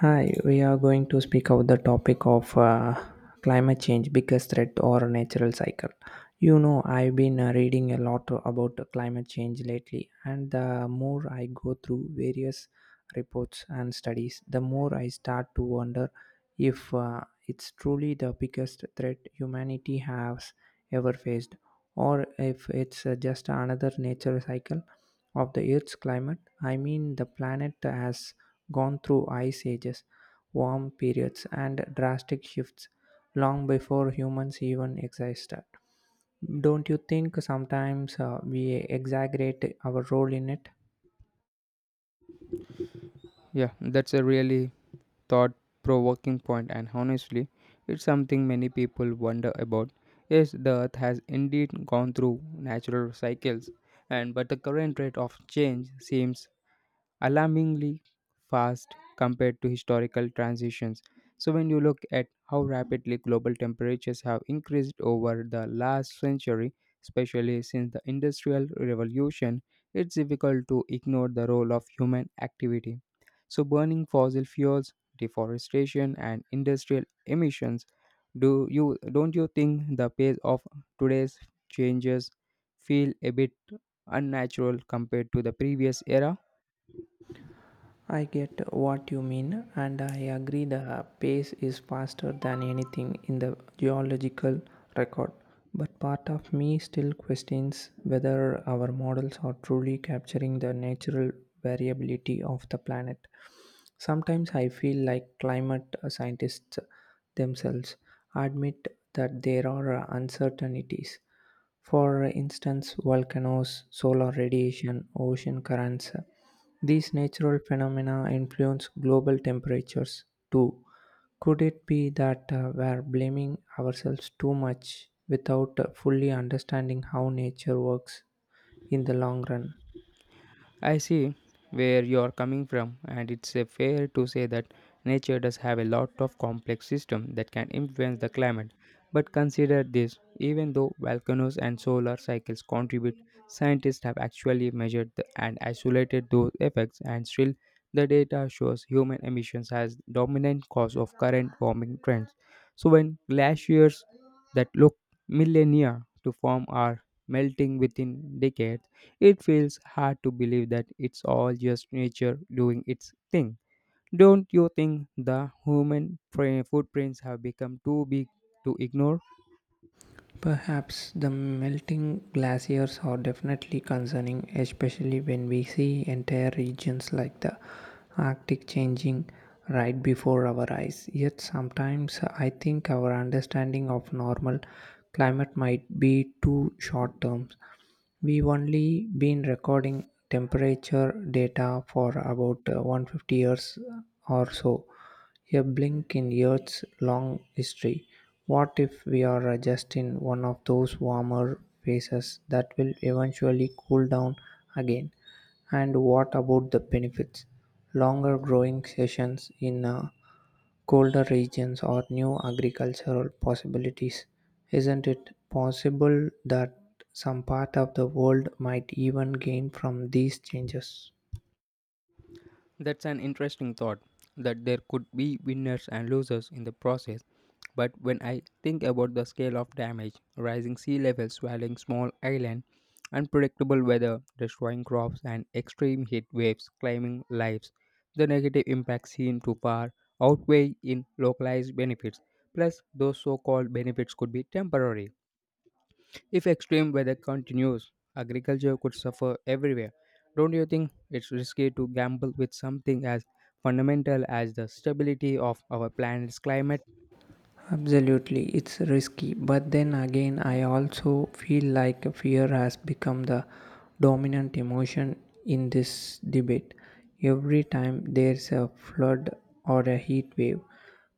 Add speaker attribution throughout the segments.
Speaker 1: Hi, we are going to speak about the topic of climate change, biggest threat or natural cycle. You know, I've been reading a lot about climate change lately, and the more I go through various reports and studies, the more I start to wonder if it's truly the biggest threat humanity has ever faced, or if it's just another natural cycle of the Earth's climate. I mean, the planet has gone through ice ages, warm periods, and drastic shifts long before humans even existed. Don't you think sometimes we exaggerate our role in it?
Speaker 2: Yeah, that's a really thought provoking point, and honestly, it's something many people wonder about. Yes, the earth has indeed gone through natural cycles, and but the current rate of change seems alarmingly fast compared to historical transitions. So, when you look at how rapidly global temperatures have increased over the last century, especially since the Industrial Revolution, it's difficult to ignore the role of human activity. So, burning fossil fuels, deforestation, and industrial emissions. Do you don't you think the pace of today's changes feel a bit unnatural compared to the previous era?
Speaker 1: I get what you mean, and I agree the pace is faster than anything in the geological record. But part of me still questions whether our models are truly capturing the natural variability of the planet. Sometimes I feel like climate scientists themselves admit that there are uncertainties. For instance, volcanoes, solar radiation, ocean currents. These natural phenomena influence global temperatures too. Could it be that we're blaming ourselves too much without fully understanding how nature works in the long run?
Speaker 2: I see where you're coming from, and it's fair to say that nature does have a lot of complex systems that can influence the climate. But consider this, even though volcanoes and solar cycles contribute, scientists have actually measured the, and isolated those effects, and still, the data shows human emissions as dominant cause of current warming trends. So, when glaciers that look millennia to form are melting within decades, it feels hard to believe that it's all just nature doing its thing. Don't you think the human footprints have become too big to ignore?
Speaker 1: Perhaps the melting glaciers are definitely concerning, especially when we see entire regions like the Arctic changing right before our eyes. Yet sometimes I think our understanding of normal climate might be too short term. We've only been recording temperature data for about 150 years or so, a blink in Earth's long history. What if we are just in one of those warmer phases that will eventually cool down again? And what about the benefits? Longer growing sessions in colder regions or new agricultural possibilities. Isn't it possible that some part of the world might even gain from these changes?
Speaker 2: That's an interesting thought that there could be winners and losers in the process. But when I think about the scale of damage, rising sea levels swallowing small islands, unpredictable weather destroying crops, and extreme heat waves claiming lives, the negative impacts seem to far outweigh in localized benefits. Plus, those so called benefits could be temporary if extreme weather continues, agriculture could suffer everywhere. Don't you think it's risky to gamble with something as fundamental as the stability of our planet's climate?
Speaker 1: Absolutely, it's risky, but then again, I also feel like fear has become the dominant emotion in this debate. Every time there's a flood or a heat wave,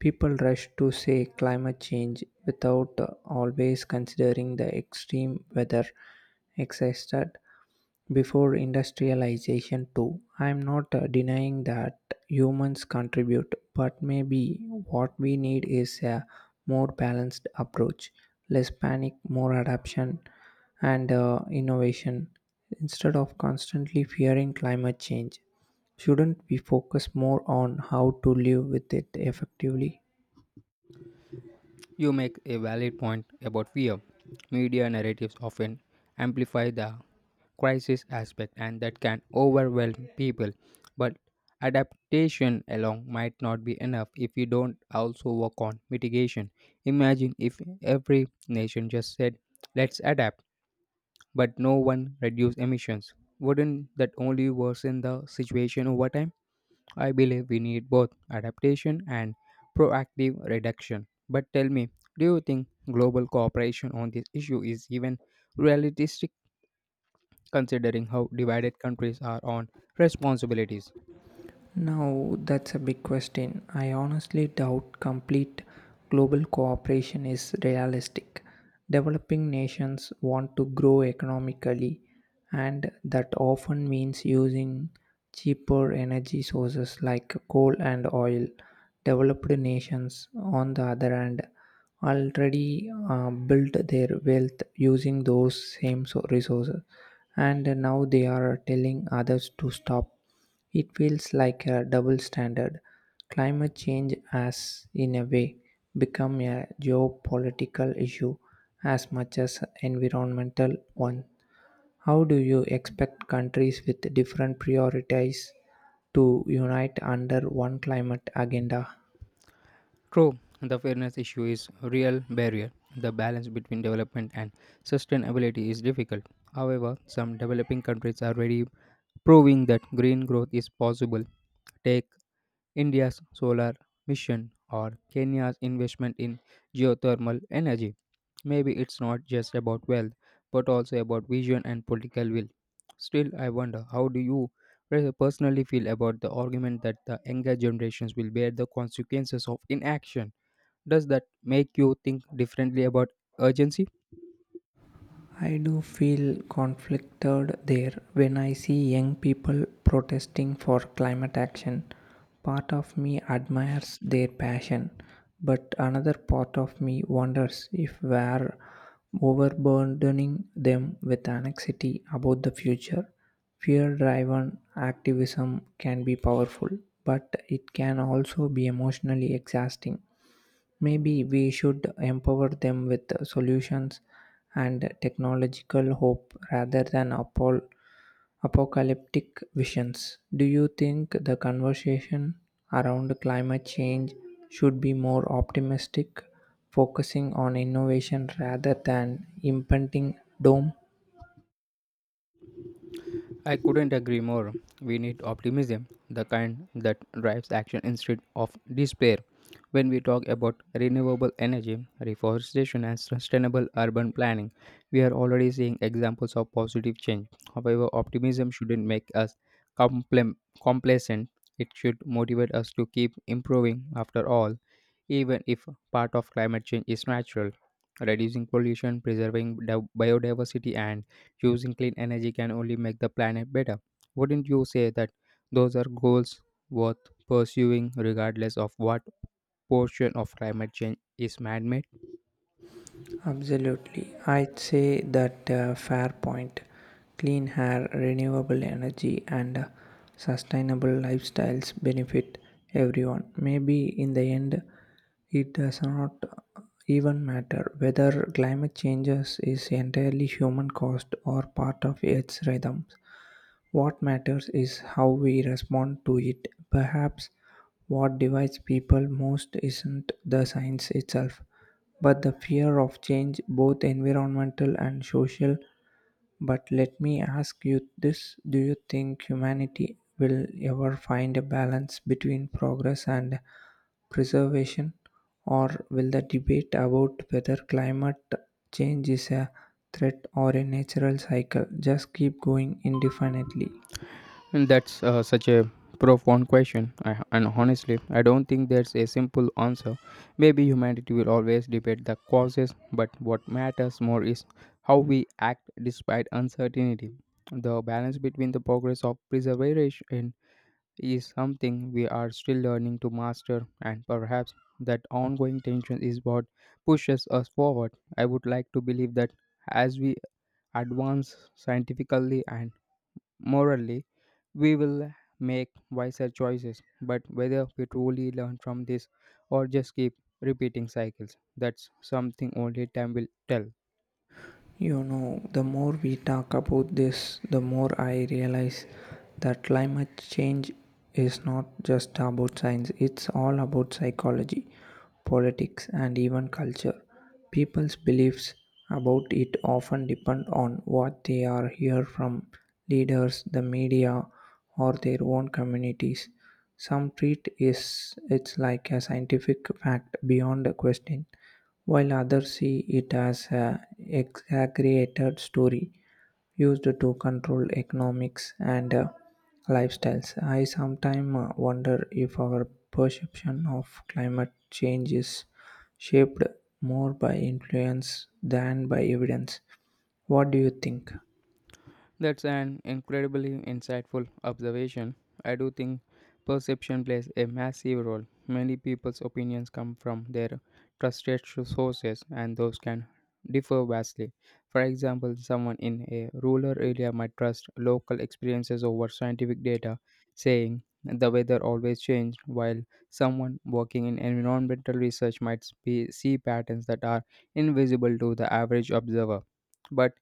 Speaker 1: people rush to say climate change without always considering the extreme weather existed before industrialization too. I'm not denying that humans contribute, but maybe what we need is a more balanced approach, less panic, more adaptation, and innovation. Instead of constantly fearing climate change, shouldn't we focus more on how to live with it effectively?
Speaker 2: You make a valid point about fear. Media narratives often amplify the crisis aspect and that can overwhelm people. But adaptation alone might not be enough if we don't also work on mitigation. Imagine if every nation just said, let's adapt but no one reduce emissions. Wouldn't that only worsen the situation over time? I believe we need both adaptation and proactive reduction. But tell me, do you think global cooperation on this issue is even realistic considering how divided countries are on responsibilities?
Speaker 1: Now, that's a big question. I honestly doubt complete global cooperation is realistic. Developing nations want to grow economically, and that often means using cheaper energy sources like coal and oil. Developed nations, on the other hand, already built their wealth using those same resources, and now they are telling others to stop. It feels like a double standard. Climate change has, in a way, become a geopolitical issue as much as environmental one. How do you expect countries with different priorities to unite under one climate agenda?
Speaker 2: True, the fairness issue is a real barrier. The balance between development and sustainability is difficult. However, some developing countries are already proving that green growth is possible. Take India's solar mission or Kenya's investment in geothermal energy. Maybe it's not just about wealth, but also about vision and political will. Still, I wonder how do you personally feel about the argument that the younger generations will bear the consequences of inaction? Does that make you think differently about urgency?
Speaker 1: I do feel conflicted there when I see young people protesting for climate action. Part of me admires their passion, but another part of me wonders if we're overburdening them with anxiety about the future. Fear driven activism can be powerful, but it can also be emotionally exhausting. Maybe we should empower them with solutions and technological hope rather than apocalyptic visions. Do you think the conversation around climate change should be more optimistic, focusing on innovation rather than impending doom?
Speaker 2: I couldn't agree more. We need optimism, the kind that drives action instead of despair. When we talk about renewable energy, reforestation, and sustainable urban planning, we are already seeing examples of positive change. However, optimism shouldn't make us compla- complacent, it should motivate us to keep improving. After all, even if part of climate change is natural. Reducing pollution, preserving biodiversity, and using clean energy can only make the planet better. Wouldn't you say that those are goals worth pursuing regardless of what portion of climate change is man made?
Speaker 1: Absolutely. I'd say that fair point. Clean air, renewable energy, and sustainable lifestyles benefit everyone. Maybe in the end, it does not even matter whether climate changes is entirely human caused or part of Earth's rhythms. What matters is how we respond to it. Perhaps what divides people most isn't the science itself, but the fear of change, both environmental and social, but let me ask you this: do you think humanity will ever find a balance between progress and preservation, or will the debate about whether climate change is a threat or a natural cycle just keep going indefinitely?
Speaker 2: And that's such a profound question. And honestly, I don't think there's a simple answer. Maybe humanity will always debate the causes, but what matters more is how we act despite uncertainty. The balance between the progress of preservation is something we are still learning to master, and perhaps that ongoing tension is what pushes us forward. I would like to believe that as we advance scientifically and morally, we will make wiser choices, but whether we truly learn from this or just keep repeating cycles, that's something only time will tell.
Speaker 1: You know, the more we talk about this, the more I realize that climate change is not just about science, it's all about psychology, politics, and even culture. People's beliefs about it often depend on what they are hear from leaders, the media, or their own communities. Some treat is it's like a scientific fact beyond a question while others see it as an exaggerated story used to control economics and lifestyles. I sometimes wonder if our perception of climate change is shaped more by influence than by evidence. What do you think?
Speaker 2: That's an incredibly insightful observation. I do think perception plays a massive role. Many people's opinions come from their trusted sources, and those can differ vastly. For example, someone in a rural area might trust local experiences over scientific data, saying the weather always changed, while someone working in environmental research might be, see patterns that are invisible to the average observer. But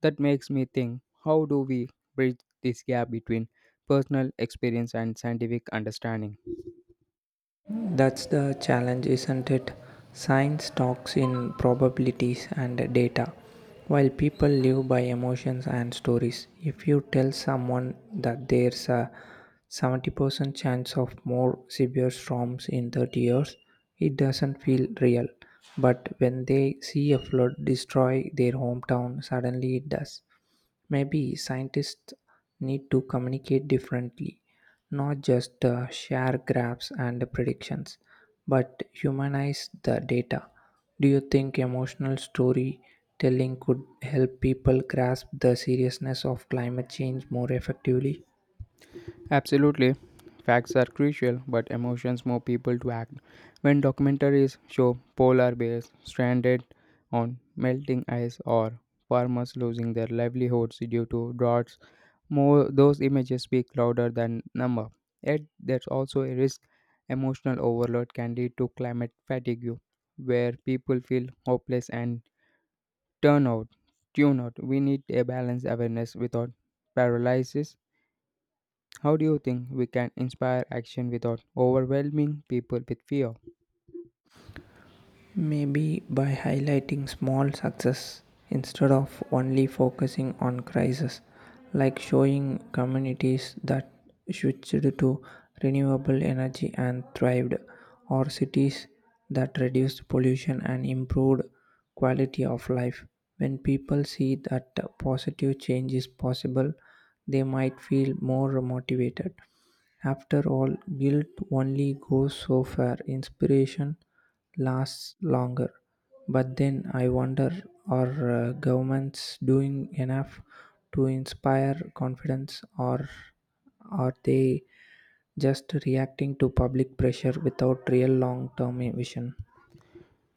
Speaker 2: that makes me think, how do we bridge this gap between personal experience and scientific understanding?
Speaker 1: That's the challenge, isn't it? Science talks in probabilities and data, while people live by emotions and stories. If you tell someone that there's a 70% chance of more severe storms in 30 years, it doesn't feel real. But when they see a flood destroy their hometown, suddenly it does. Maybe scientists need to communicate differently, not just share graphs and predictions, but humanize the data. Do you think emotional storytelling could help people grasp the seriousness of climate change more effectively?
Speaker 2: Absolutely. Facts are crucial, but emotions move people to act. When documentaries show polar bears stranded on melting ice or farmers losing their livelihoods due to droughts, more those images speak louder than number. Yet there's also a risk, emotional overload can lead to climate fatigue, where people feel hopeless and turn out, tune out. We need a balanced awareness without paralysis. How do you think we can inspire action without overwhelming people with fear?
Speaker 1: Maybe by highlighting small success instead of only focusing on crisis, like showing communities that switched to renewable energy and thrived, or cities that reduced pollution and improved quality of life. When people see that positive change is possible, they might feel more motivated. After all, guilt only goes so far. Inspiration lasts longer. But then I wonder, are governments doing enough to inspire confidence, or are they just reacting to public pressure without real long term vision?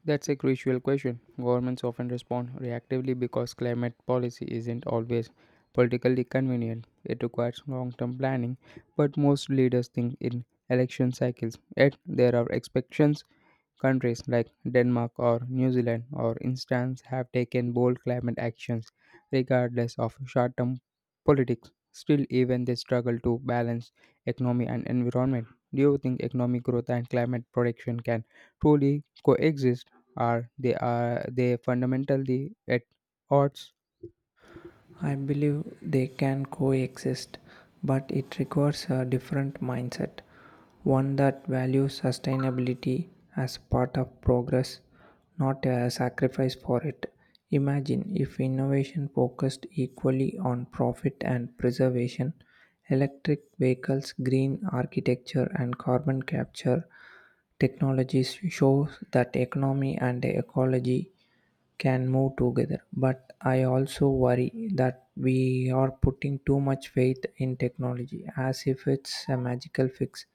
Speaker 2: That's a crucial question. Governments often respond reactively because climate policy isn't always politically convenient. It requires long term planning, but most leaders think in election cycles. Yet, there are expectations. Countries like Denmark or New Zealand, for instance, have taken bold climate actions regardless of short term politics. Still, even they struggle to balance economy and environment. Do you think economic growth and climate protection can truly coexist, or they are they fundamentally at odds?
Speaker 1: I believe they can coexist, but it requires a different mindset, one that values sustainability as part of progress, not a sacrifice for it. Imagine if innovation focused equally on profit and preservation, electric vehicles, green architecture, and carbon capture technologies show that economy and ecology can move together. But I also worry that we are putting too much faith in technology as if it's a magical fix.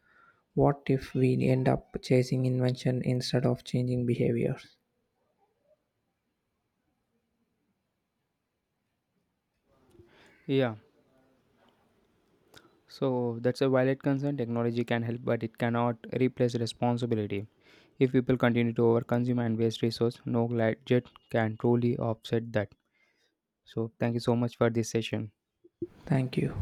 Speaker 1: What if we end up chasing invention instead of changing behaviors?
Speaker 2: Yeah. So that's a valid concern. Technology can help, but it cannot replace responsibility. If people continue to overconsume and waste resource, no gadget can truly offset that. So thank you so much for this session.
Speaker 1: Thank you.